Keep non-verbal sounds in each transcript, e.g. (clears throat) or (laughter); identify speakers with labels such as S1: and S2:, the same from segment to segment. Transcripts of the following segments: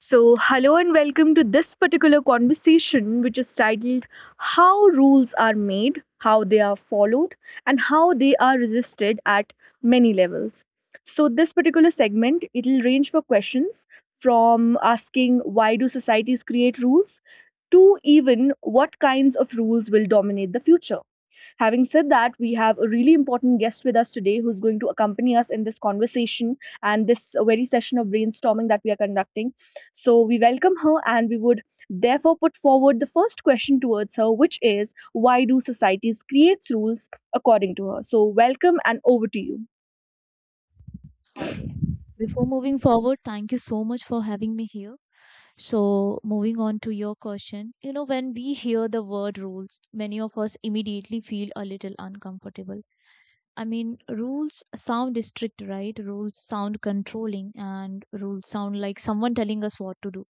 S1: So, hello and welcome to this particular conversation, which is titled How Rules Are Made, How They Are Followed, and How They Are Resisted at Many Levels. So, this particular segment, it'll range for questions from asking why do societies create rules to even what kinds of rules will dominate the future. Having said that, we have a really important guest with us today who's going to accompany us in this conversation and this very session of brainstorming that we are conducting. So, we welcome her and we would therefore put forward the first question towards her, which is why do societies create rules according to her? So, welcome and over to you.
S2: Okay. Before moving forward, thank you so much for having me here. So, moving on to your question, you know, when we hear the word rules, many of us immediately feel a little uncomfortable. I mean, rules sound strict, right? Rules sound controlling, and rules sound like someone telling us what to do.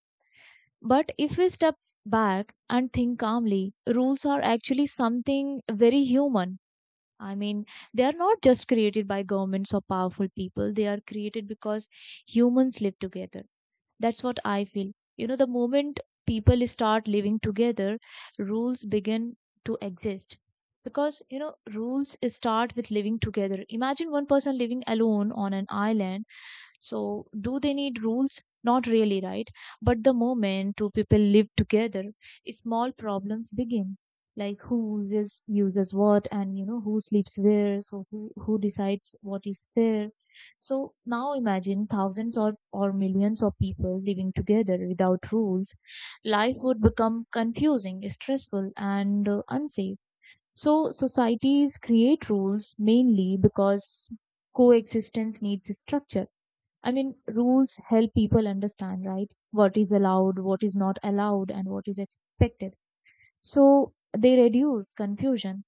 S2: But if we step back and think calmly, rules are actually something very human. I mean, they are not just created by governments or powerful people. They are created because humans live together. That's what I feel. You know, the moment people start living together, rules begin to exist. Because, you know, rules start with living together. Imagine one person living alone on an island, so do they need rules? Not really, right? But the moment two people live together, small problems begin. Like who uses what, and you know who sleeps where, so who decides what is fair. So now imagine thousands or millions of people living together without rules. Life would become confusing, stressful, and unsafe. So societies create rules mainly because coexistence needs structure. I mean, rules help people understand, right? What is allowed, what is not allowed, and what is expected. So they reduce confusion.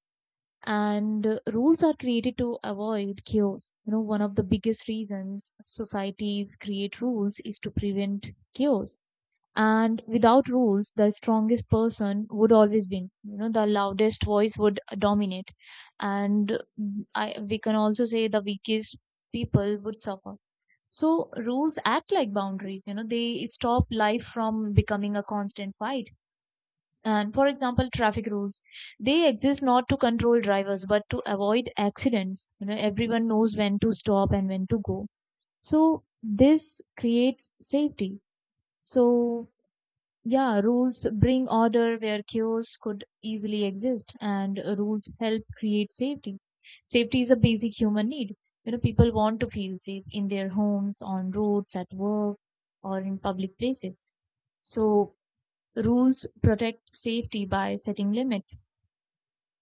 S2: And rules are created to avoid chaos. You know, one of the biggest reasons societies create rules is to prevent chaos. And without rules, the strongest person would always win. You know, the loudest voice would dominate. And uh, we can also say the weakest people would suffer, so rules act like boundaries. You know, they stop life from becoming a constant fight. And for example, traffic rules, they exist not to control drivers, but to avoid accidents. You know, everyone knows when to stop and when to go. So this creates safety. So yeah, rules bring order where chaos could easily exist, and rules help create safety. Safety is a basic human need. You know, people want to feel safe in their homes, on roads, at work, or in public places. So, rules protect safety by setting limits.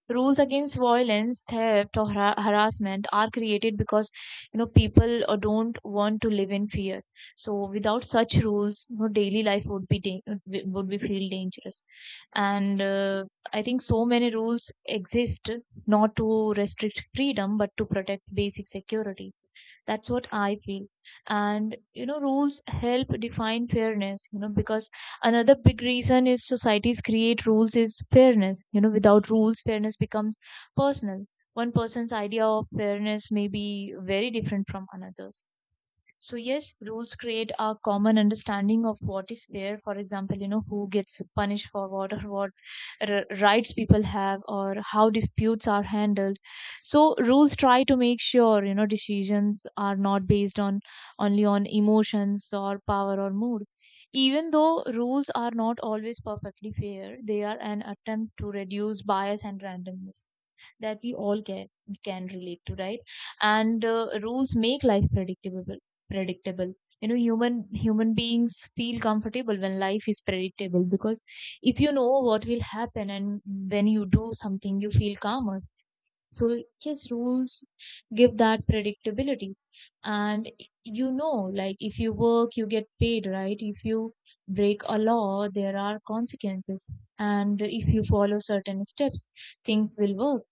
S2: Rules against violence, theft, or harassment are created because, you know, people don't want to live in fear. So without such rules, you know, daily life would be dan- would be would feel dangerous. And I think so many rules exist not to restrict freedom but to protect basic security. That's what I feel. And you know, rules help define fairness, you know, because another big reason is societies create rules is fairness. You know, without rules, fairness becomes personal. One person's idea of fairness may be very different from another's. So yes, rules create a common understanding of what is fair. For example, you know, who gets punished for what, or what rights people have, or how disputes are handled. So rules try to make sure, you know, decisions are not based on only on emotions or power or mood. Even though rules are not always perfectly fair, they are an attempt to reduce bias and randomness that we all can relate to, right? And rules make life predictable. Predictable. You know, human beings feel comfortable when life is predictable, because if you know what will happen and when you do something, you feel calmer. So his rules give that predictability. And you know, like if you work, you get paid, right? If you break a law, there are consequences. And if you follow certain steps, things will work.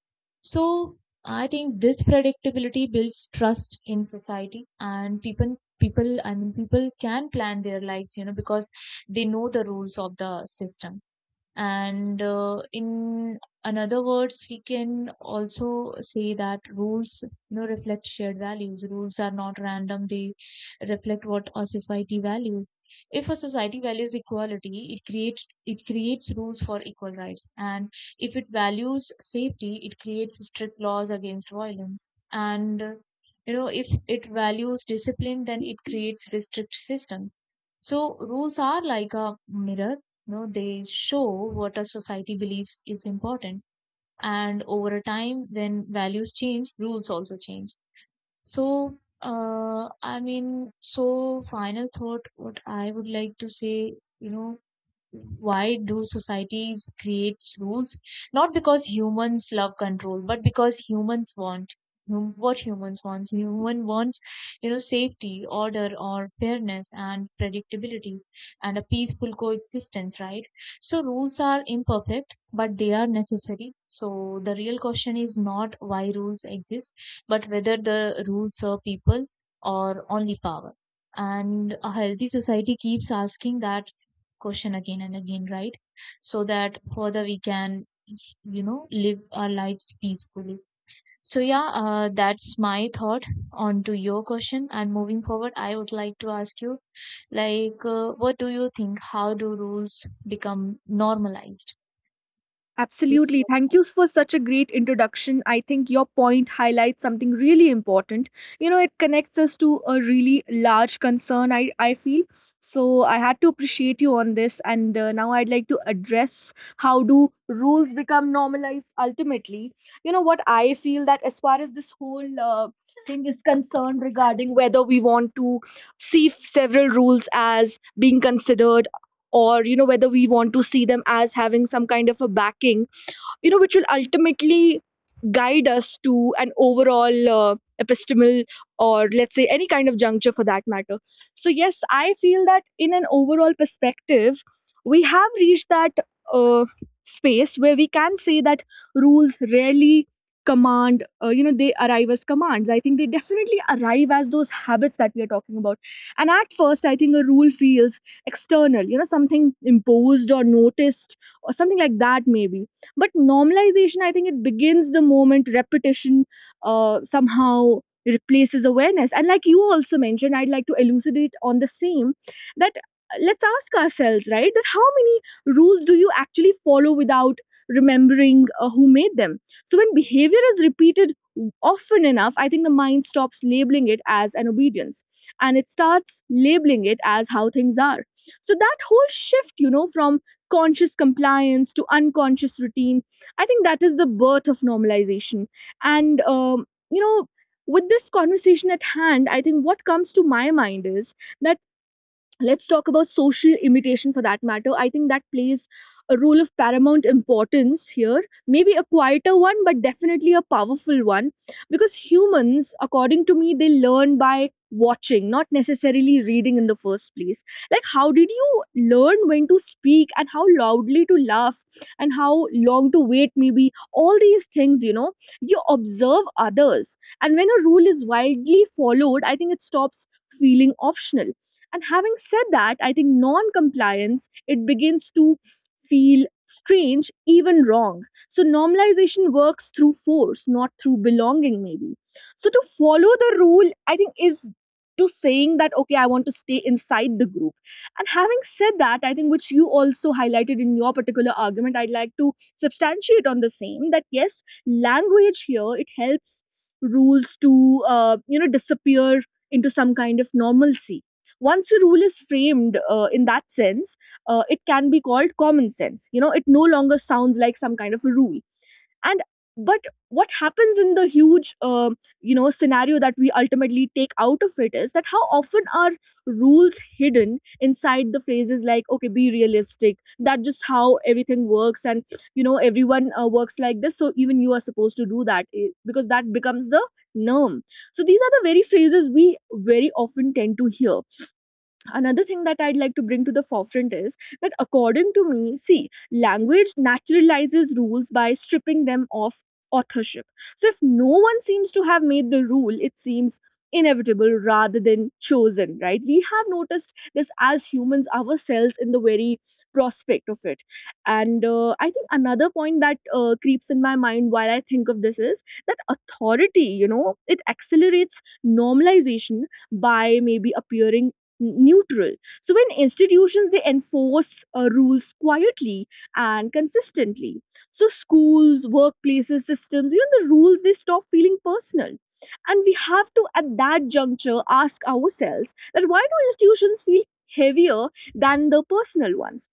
S2: So I think this predictability builds trust in society, and people people I mean people can plan their lives, you know, because they know the rules of the system. And in another words, we can also say that rules, you know, reflect shared values. Rules are not random; they reflect what a society values. If a society values equality, it creates rules for equal rights, and if it values safety, it creates strict laws against violence. And you know, if it values discipline, then it creates restrict systems. So rules are like a mirror, you know, they show what a society believes is important. And over a time, when values change, rules also change. So, final thought, what I would like to say, you know, why do societies create rules? Not because humans love control, but because humans want Human wants, you know, safety, order, or fairness and predictability, and a peaceful coexistence, right? So rules are imperfect, but they are necessary. So the real question is not why rules exist, but whether the rules serve people or only power. And a healthy society keeps asking that question again and again, right? So that further we can, you know, live our lives peacefully. So yeah, that's my thought on to your question. And moving forward, I would like to ask you, like, what do you think? How do rules become normalized?
S1: Absolutely. Thank you for such a great introduction. I think your point highlights something really important. You know, it connects us to a really large concern, I feel. So I had to appreciate you on this. And now I'd like to address how do rules become normalized ultimately. You know, what I feel that as far as this whole thing is concerned regarding whether we want to see several rules as being considered or, you know, whether we want to see them as having some kind of a backing, you know, which will ultimately guide us to an overall epistemal or let's say any kind of juncture for that matter. So, yes, I feel that in an overall perspective, we have reached that uh, space where we can say that rules rarely command. You know, they arrive as commands. I think they definitely arrive as those habits that we are talking about. And at first I think a rule feels external, you know, something imposed or noticed or something like that, maybe. But normalization, I think it begins the moment repetition somehow replaces awareness. And like you also mentioned, I'd like to elucidate on the same, that let's ask ourselves, right, that how many rules do you actually follow without remembering who made them? So when behavior is repeated often enough, I think the mind stops labeling it as an obedience and it starts labeling it as how things are. So that whole shift, you know, from conscious compliance to unconscious routine, I think that is the birth of normalization. And, you know, with this conversation at hand, I think what comes to my mind is that let's talk about social imitation for that matter. I think that plays a role of paramount importance here. Maybe a quieter one, but definitely a powerful one. Because humans, according to me, they learn by watching, not necessarily reading in the first place. Like, how did you learn when to speak and how loudly to laugh and how long to wait, maybe? All these things, you know, you observe others. And when a rule is widely followed, I think it stops feeling optional. And having said that, I think non-compliance, it begins to feel strange, even wrong. So normalization works through force, not through belonging, maybe. So to follow the rule, I think is to saying that okay, I want to stay inside the group. And having said that, I think which you also highlighted in your particular argument, I'd like to substantiate on the same, that yes, language here it helps rules to you know, disappear into some kind of normalcy. Once a rule is framed in that sense, it can be called common sense. You know, it no longer sounds like some kind of a rule. And but what happens in the huge you know, scenario that we ultimately take out of it, is that how often are rules hidden inside the phrases like okay, be realistic, that just how everything works, and you know, everyone works like this, so even you are supposed to do that, because that becomes the norm. So these are the very phrases we very often tend to hear. Another thing that I'd like to bring to the forefront is that, according to me, see, language naturalizes rules by stripping them of authorship. So, if no one seems to have made the rule, it seems inevitable rather than chosen, right? We have noticed this as humans ourselves in the very prospect of it. And I think another point that creeps in my mind while I think of this is that authority, you know, it accelerates normalization by maybe appearing neutral. So when institutions they enforce rules quietly and consistently, so schools, workplaces, systems, you know, the rules they stop feeling personal. And we have to at that juncture ask ourselves that why do institutions feel heavier than the personal ones?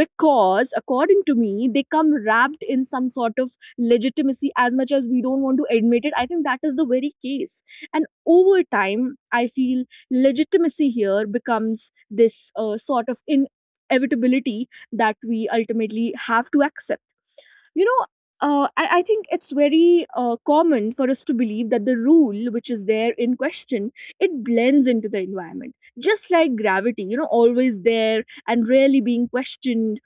S1: Because according to me, they come wrapped in some sort of legitimacy, as much as we don't want to admit it, I think that is the very case. And over time I feel legitimacy here becomes this sort of inevitability that we ultimately have to accept. You know, I think it's very common for us to believe that the rule which is there in question, it blends into the environment just like gravity, you know, always there and rarely being questioned.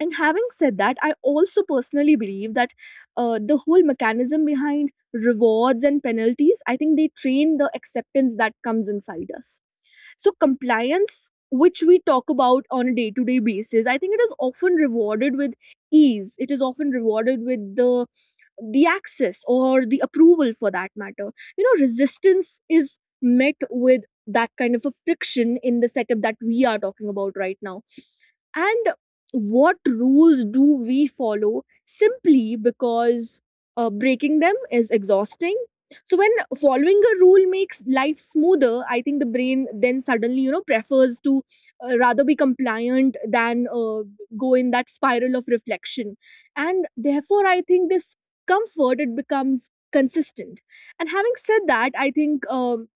S1: And having said that, I also personally believe that the whole mechanism behind rewards and penalties, I think they train the acceptance that comes inside us. So, compliance, which we talk about on a day to day basis, I think it is often rewarded with ease. It is often rewarded with the access or the approval for that matter. You know, resistance is met with that kind of a friction in the setup that we are talking about right now. And what rules do we follow simply because breaking them is exhausting? So when following a rule makes life smoother, I think the brain then suddenly, you know, prefers to rather be compliant than go in that spiral of reflection. And therefore I think this comfort it becomes consistent. And having said that, I think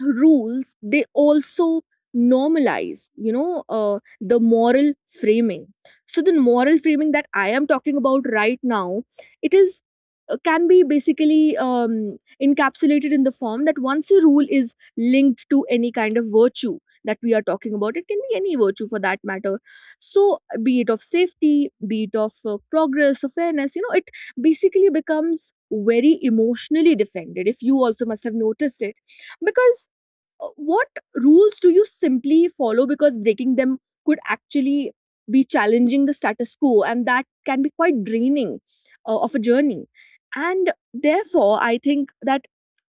S1: rules they also normalize, you know, the moral framing. So the moral framing that I am talking about right now, it is can be basically encapsulated in the form that once a rule is linked to any kind of virtue that we are talking about, it can be any virtue for that matter. So be it of safety, be it of progress or fairness, you know, it basically becomes very emotionally defended, if you also must have noticed it. Because what rules do you simply follow because breaking them could actually be challenging the status quo, and that can be quite draining of a journey. And therefore I think that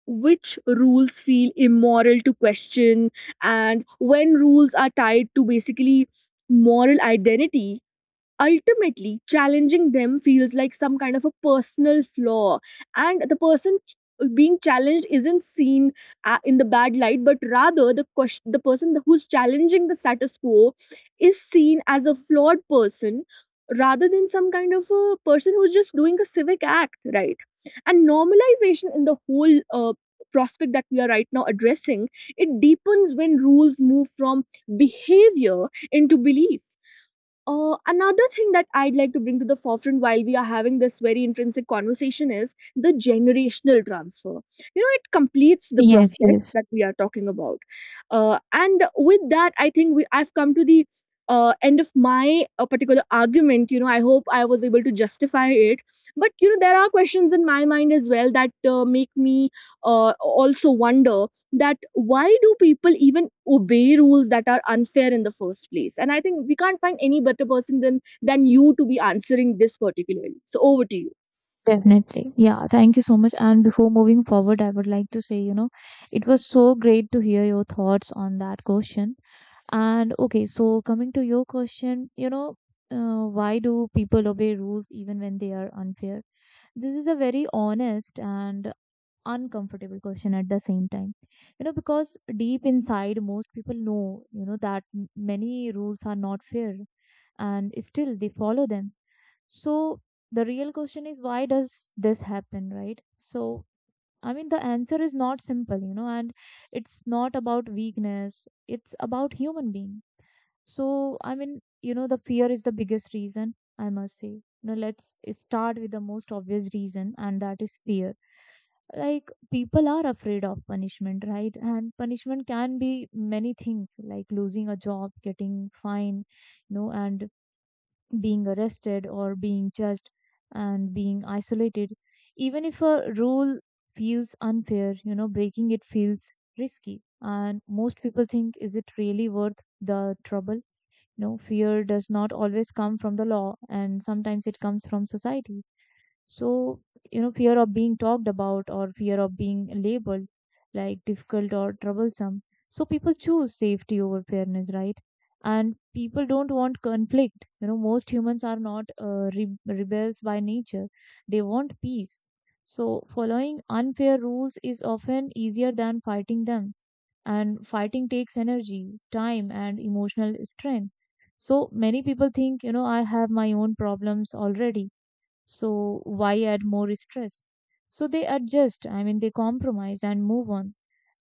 S1: which rules feel immoral to question? And when rules are tied to basically moral identity, ultimately challenging them feels like some kind of a personal flaw. And the being challenged isn't seen in the bad light, but rather the question, the person who's challenging the status quo is seen as a flawed person rather than some kind of a person who's just doing a civic act, right? And normalization in the whole prospect that we are right now addressing, it deepens when rules move from behavior into belief. Another thing that I'd like to bring to the forefront while we are having this very intrinsic conversation is the generational transfer. You know, it completes the
S2: Yes,
S1: process
S2: yes,
S1: that we are talking about. And with that, I think we I've come to the end of my particular argument. You know, I hope I was able to justify it. But, you know, there are questions in my mind as well that make me also wonder that why do people even obey rules that are unfair in the first place? And I think we can't find any better person than you to be answering this particularly. So over to you.
S2: definitely. Yeah, thank you so much. And before moving forward, I would like to say, you know, it was so great to hear your thoughts on that question. And okay, so coming to your question, you know, why do people obey rules even when they are unfair? This is a very honest and uncomfortable question at the same time. You know, because deep inside, most people know, you know, that many rules are not fair and still they follow them. So the real question is why does this happen, right? So I mean, the answer is not simple, you know, and it's not about weakness, it's about human being. So, I mean, you know, the fear is the biggest reason, I must say. You know, let's start with the most obvious reason, and that is fear. Like, people are afraid of punishment, right? And punishment can be many things, like losing a job, getting fined, you know, and being arrested or being judged and being isolated. Even if a rule feels unfair, you know, breaking it feels risky. And most people think, is it really worth the trouble? No, fear does not always come from the law, and sometimes it comes from society. So, you know, fear of being talked about, or fear of being labeled like difficult or troublesome. So people choose safety over fairness, right? And people don't want conflict. You know, most humans are not rebels by nature. They want peace. So following unfair rules is often easier than fighting them. And fighting takes energy, time, and emotional strength. So many people think, you know, I have my own problems already, so why add more stress? So they adjust, I mean, they compromise and move on,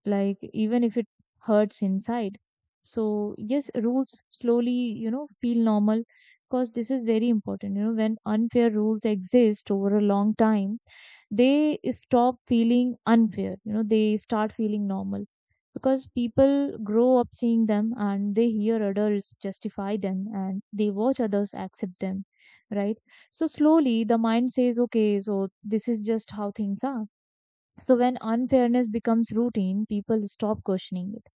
S2: like even if it hurts inside. So, yes, rules slowly, you know, feel normal, because this is very important. You know, when unfair rules exist over a long time, they stop feeling unfair, you know, they start feeling normal, because people grow up seeing them, and they hear adults justify them, and they watch others accept them, right? So slowly the mind says, okay, so this is just how things are. So when unfairness becomes routine, people stop questioning it.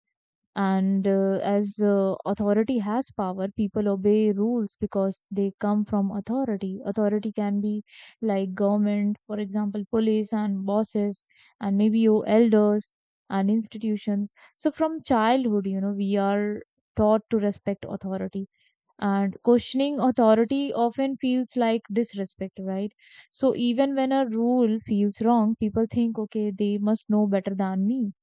S2: And as Authority has power. People obey rules because they come from authority. Authority can be like government, for example, police and bosses, and maybe your elders and institutions. So from childhood, you know, we are taught to respect authority, and questioning authority often feels like disrespect, right? So even when a rule feels wrong, people think, okay, they must know better than me.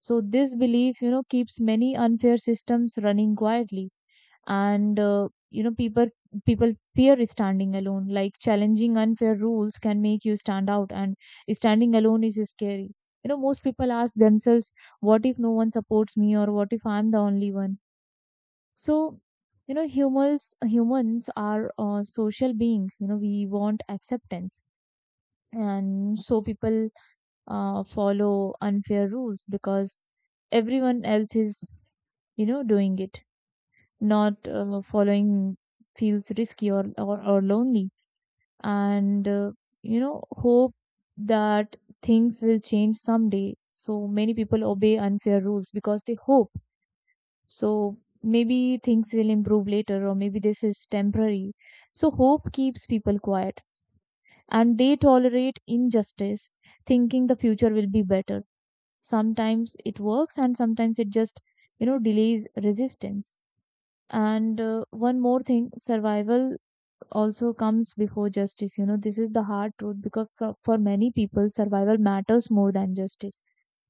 S2: So this belief, you know, keeps many unfair systems running quietly, and you know, people fear standing alone. Like challenging unfair rules can make you stand out, and standing alone is scary. You know, most people ask themselves, "What if no one supports me?" or "What if I'm the only one?" So, you know, humans are social beings. You know, we want acceptance, and so people follow unfair rules because everyone else is, you know, doing it. Not following feels risky, or lonely. And you know, hope that things will change someday. So many people obey unfair rules because they hope. So maybe things will improve later, or maybe this is temporary. So hope keeps people quiet, and they tolerate injustice, thinking the future will be better. Sometimes it works, and sometimes it just, you know, delays resistance. And one more thing, survival also comes before justice. You know, this is the hard truth, because for, many people, survival matters more than justice.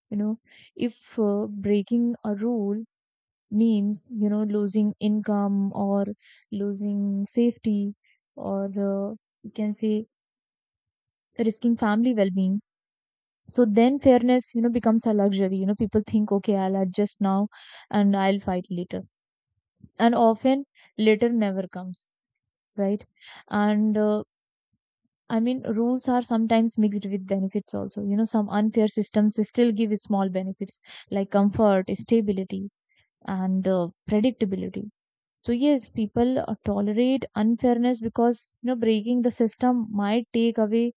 S2: You know, if breaking a rule means, you know, losing income, or losing safety, or you can say risking family well being. So then fairness, you know, becomes a luxury. You know, people think, okay, I'll adjust now and I'll fight later. And often later never comes, right? And I mean, rules are sometimes mixed with benefits also. You know, some unfair systems still give small benefits like comfort, stability, and predictability. So yes, people tolerate unfairness because you know breaking the system might take away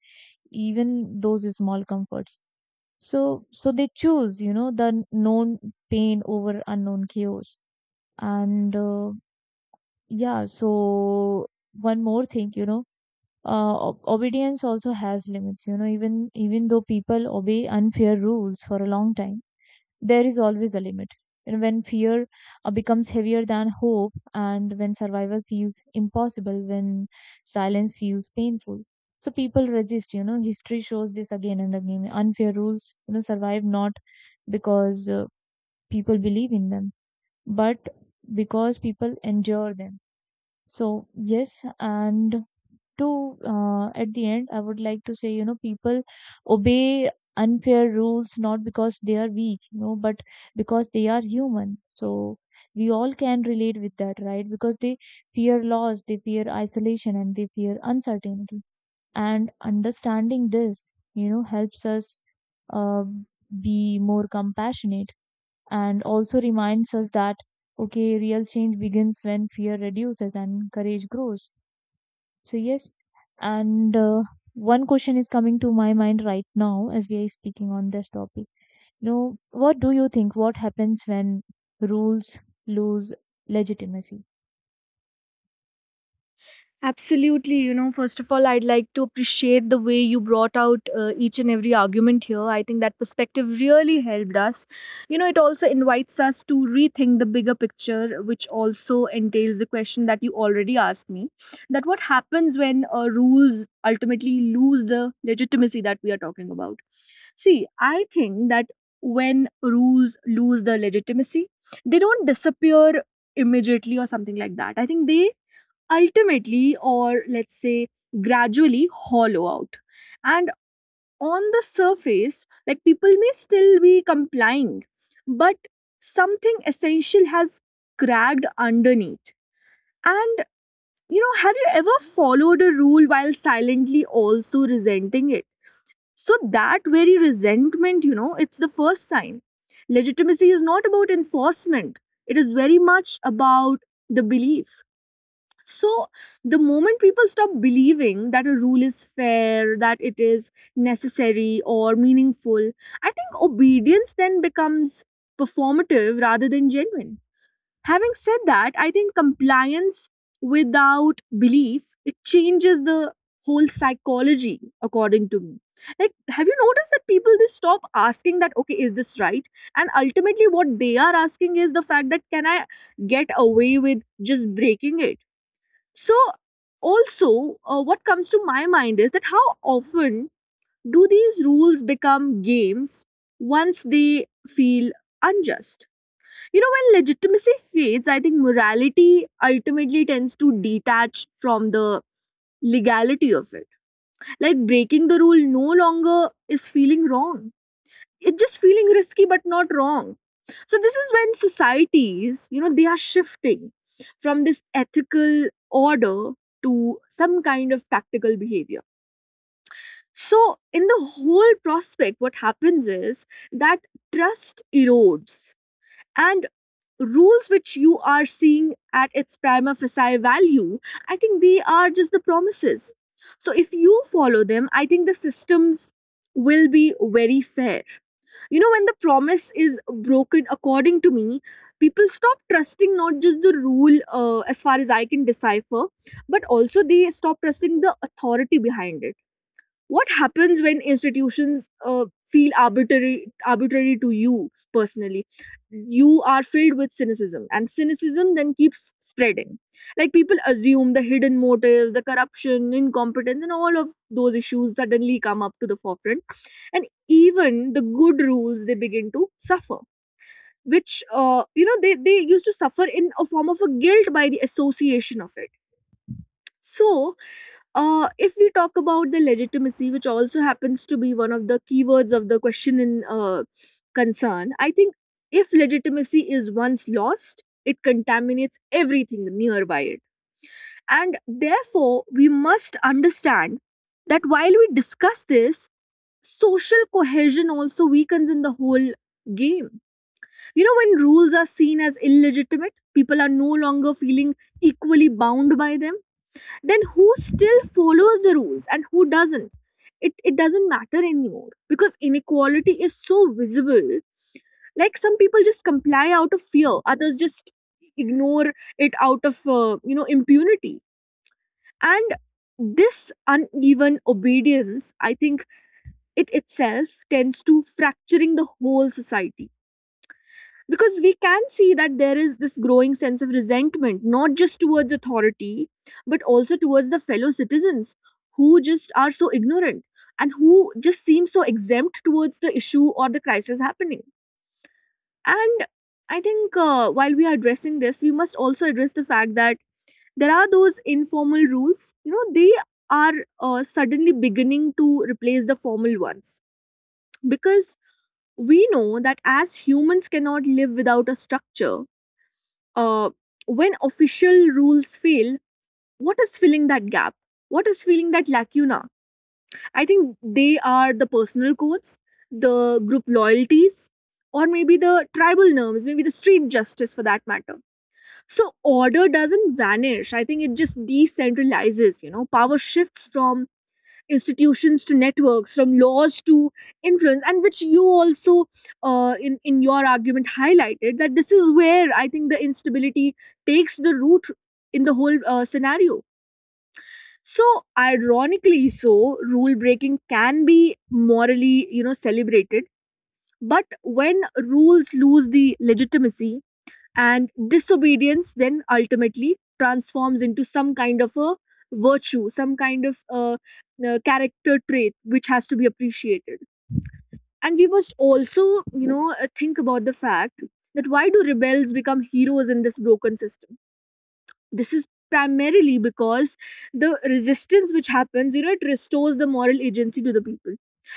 S2: even those small comforts. So they choose, you know, the known pain over unknown chaos. And uh, yeah, so one more thing, obedience also has limits, you know. Even though people obey unfair rules for a long time, there is always a limit. And when fear becomes heavier than hope, and when survival feels impossible, when silence feels painful, so people resist. You know, history shows this again and again. Unfair rules, you know, survive not because people believe in them, but because people endure them. So yes, and to at the end, I would like to say, you know, people obey unfair rules not because they are weak, you know, but because they are human. So we all can relate with that, right? Because they fear loss, they fear isolation, and they fear uncertainty. And understanding this helps us uh, be more compassionate, and also reminds us that, okay, real change begins when fear reduces and courage grows. So yes, and one question is coming to my mind right now as we are speaking on this topic. You know, what do you think? What happens when rules lose legitimacy?
S1: Absolutely. You know, first of all, I'd like to appreciate the way you brought out each and every argument here. I think that perspective really helped us. You know, it also invites us to rethink the bigger picture, which also entails the question that you already asked me, that what happens when rules ultimately lose the legitimacy that we are talking about? See, I think that when rules lose the legitimacy, they don't disappear immediately or something like that. I think they ultimately, or let's say gradually, hollow out. And on the surface, like people may still be complying, but something essential has cracked underneath. And you know, have you ever followed a rule while silently also resenting it? So that very resentment, you know, it's the first sign. Legitimacy is not about enforcement. It is very much about the belief. So, the moment people stop believing that a rule is fair, that it is necessary or meaningful, I think obedience then becomes performative rather than genuine. Having said that, I think compliance without belief it changes the whole psychology according to me, like have you noticed that people they stop asking that, okay, is this right? And ultimately what they are asking is the fact that can I get away with just breaking it? so, what comes to my mind is that how often do these rules become games once they feel unjust? You know, when legitimacy fades, I think morality ultimately tends to detach from the legality of it. Like breaking the rule no longer is feeling wrong. It's just feeling risky but not wrong. So this is when societies, you know, they are shifting from this ethical order to some kind of practical behavior. So in the whole prospect, what happens is that trust erodes. And rules which you are seeing at its prima facie value, I think they are just the promises. So if you follow them, I think the systems will be very fair. You know, when the promise is broken, according to me, people stop trusting not just the rule, as far as I can decipher, but also they stop trusting the authority behind it. What happens when institutions feel arbitrary, to you personally? You are filled with cynicism, and cynicism then keeps spreading. Like people assume the hidden motives, the corruption, incompetence, and all of those issues suddenly come up to the forefront, and even the good rules they begin to suffer, which you know, they used to suffer in a form of a guilt by the association of it. so if we talk about the legitimacy, which also happens to be one of the keywords of the question in concern, I think if legitimacy is once lost, it contaminates everything nearby it. And therefore, we must understand that while we discuss this, social cohesion also weakens in the whole game. You know, when rules are seen as illegitimate, people are no longer feeling equally bound by them. Then who still follows the rules and who doesn't, it doesn't matter anymore because inequality is so visible. Like some people just comply out of fear, others just ignore it out of you know, impunity. And this uneven obedience, I think it itself tends to fracturing the whole society, because we can see that there is this growing sense of resentment not just towards authority but also towards the fellow citizens who just are so ignorant and who just seem so exempt towards the issue or the crisis happening. And I think while we are addressing this, we must also address the fact that there are those informal rules, you know, they are suddenly beginning to replace the formal ones, because we know that as humans cannot live without a structure. uh, when official rules fail, what is filling that gap? What is filling that lacuna? I think they are the personal codes, the group loyalties, or maybe the tribal norms, maybe the street justice for that matter. So order doesn't vanish. I think it just decentralizes. You know, power shifts from institutions to networks, from laws to influence, and which you also in your argument highlighted that this is where I think the instability takes the root in the whole scenario. So ironically so, rule breaking can be morally, you know, celebrated. But when rules lose the legitimacy, and disobedience then ultimately transforms into some kind of a virtue, some kind of a character trait which has to be appreciated. And we must also, you know, think about the fact that why do rebels become heroes in this broken system. This is primarily because the resistance which happens, you know, it restores the moral agency to the people.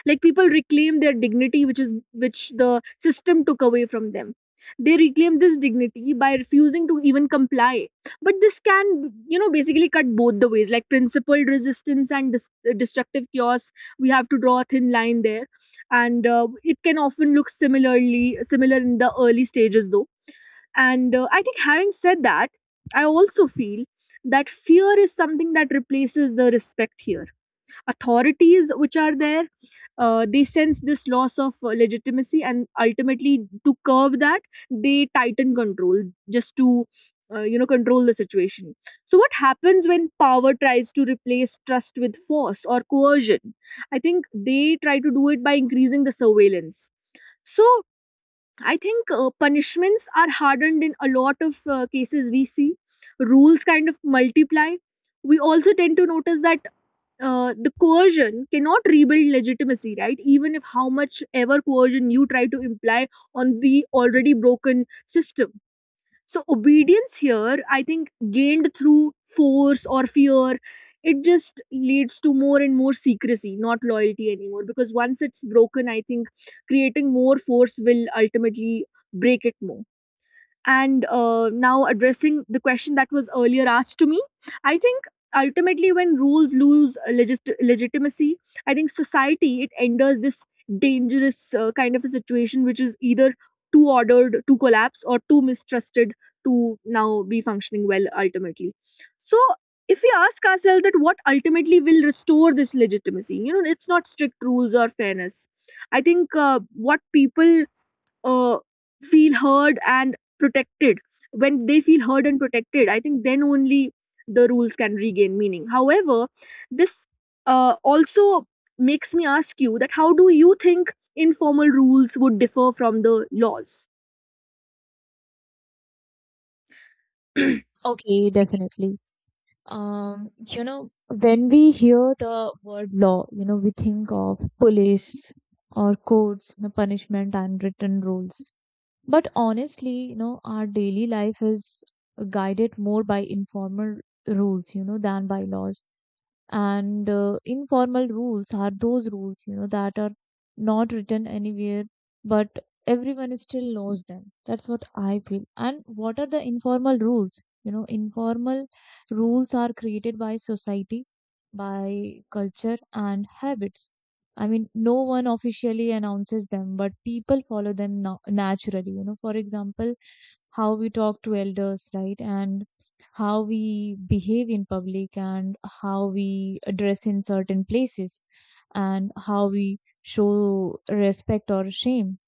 S1: Like people reclaim their dignity, which is which the system took away from them. They reclaim this dignity by refusing to even comply. But this can, you know, basically cut both the ways, like principled resistance and destructive chaos. We have to draw a thin line there, and it can often look similar in the early stages though. And I think having said that, I also feel that fear is something that replaces the respect here. Authorities, which are there, they sense this loss of legitimacy, and ultimately, to curb that, they tighten control just to, you know, control the situation. So, what happens when power tries to replace trust with force or coercion? I think they try to do it by increasing the surveillance. So, I think punishments are hardened in a lot of cases we see. Rules kind of multiply. We also tend to notice that the coercion cannot rebuild legitimacy, right? Even if how much ever coercion you try to imply on the already broken system, so obedience here, I think, gained through force or fear, it just leads to more and more secrecy, not loyalty anymore, because once it's broken, I think creating more force will ultimately break it more. And now addressing the question that was earlier asked to me, I think ultimately when rules lose legitimacy, I think society it enters this dangerous kind of a situation which is either too ordered to collapse or too mistrusted to now be functioning well ultimately. So if we ask ourselves that what ultimately will restore this legitimacy, you know, it's not strict rules or fairness. I think what people uh, feel heard and protected. When they feel heard and protected, I think then only the rules can regain meaning. However, this also makes me ask you that how do you think informal rules would differ from the laws? (clears throat)
S2: Okay, definitely. You know, when we hear the word law, you know, we think of police or courts, you know, punishment and written rules. But honestly, you know, our daily life is guided more by informal rules, you know, than by laws. And informal rules are those rules, you know, that are not written anywhere, but everyone still knows them. That's what I feel. And what are the informal rules, you know? Informal rules are created by society, by culture and habits. I mean, no one officially announces them, but people follow them naturally, you know. For example, how we talk to elders, right? And how we behave in public, and how we dress in certain places, and how we show respect or shame.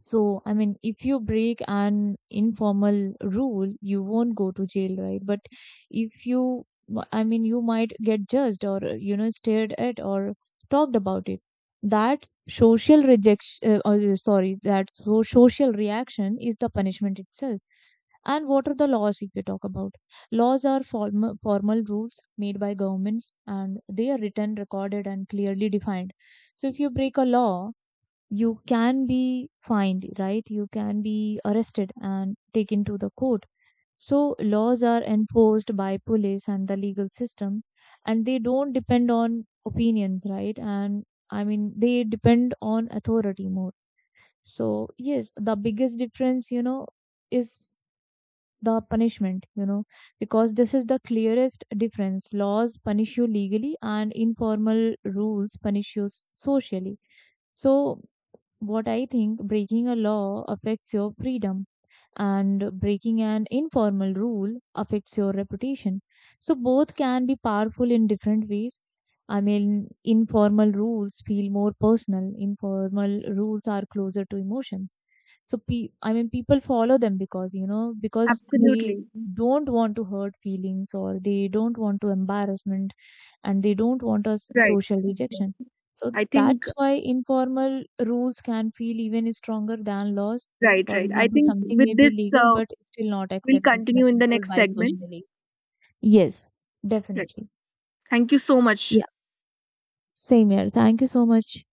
S2: So, I mean, if you break an informal rule, you won't go to jail, right? But if I mean, you might get judged, or, you know, stared at or talked about it. That social rejection, or, sorry, that social reaction is the punishment itself. And what are the laws, if you talk about? Laws are formal rules made by governments, and they are written, recorded, and clearly defined. So if you break a law, you can be fined, right? You can be arrested and taken to the court. So laws are enforced by police and the legal system, and they don't depend on opinions, right? And I mean, they depend on authority more. So yes, the biggest difference, you know, is the punishment, you know, because this is the clearest difference. Laws punish you legally, and informal rules punish you socially. So what I think, breaking a law affects your freedom, and breaking an informal rule affects your reputation. So both can be powerful in different ways. I mean, informal rules feel more personal. Informal rules are closer to emotions. So I mean, people follow them because, you know, because they
S1: Absolutely.
S2: don't want to hurt feelings, or they don't want to embarrassment, and they don't want a
S1: Right.
S2: social rejection. So
S1: I think,
S2: that's why informal rules can feel even stronger than laws.
S1: right,
S2: For
S1: right. I
S2: example,
S1: think
S2: something may
S1: with
S2: be
S1: this,
S2: legal but still not
S1: we'll continue in the
S2: acceptable
S1: next
S2: by
S1: segment.
S2: socially. Yes,
S1: Right.
S2: definitely.
S1: Thank you so much.
S2: Yeah, same here. Thank you so much.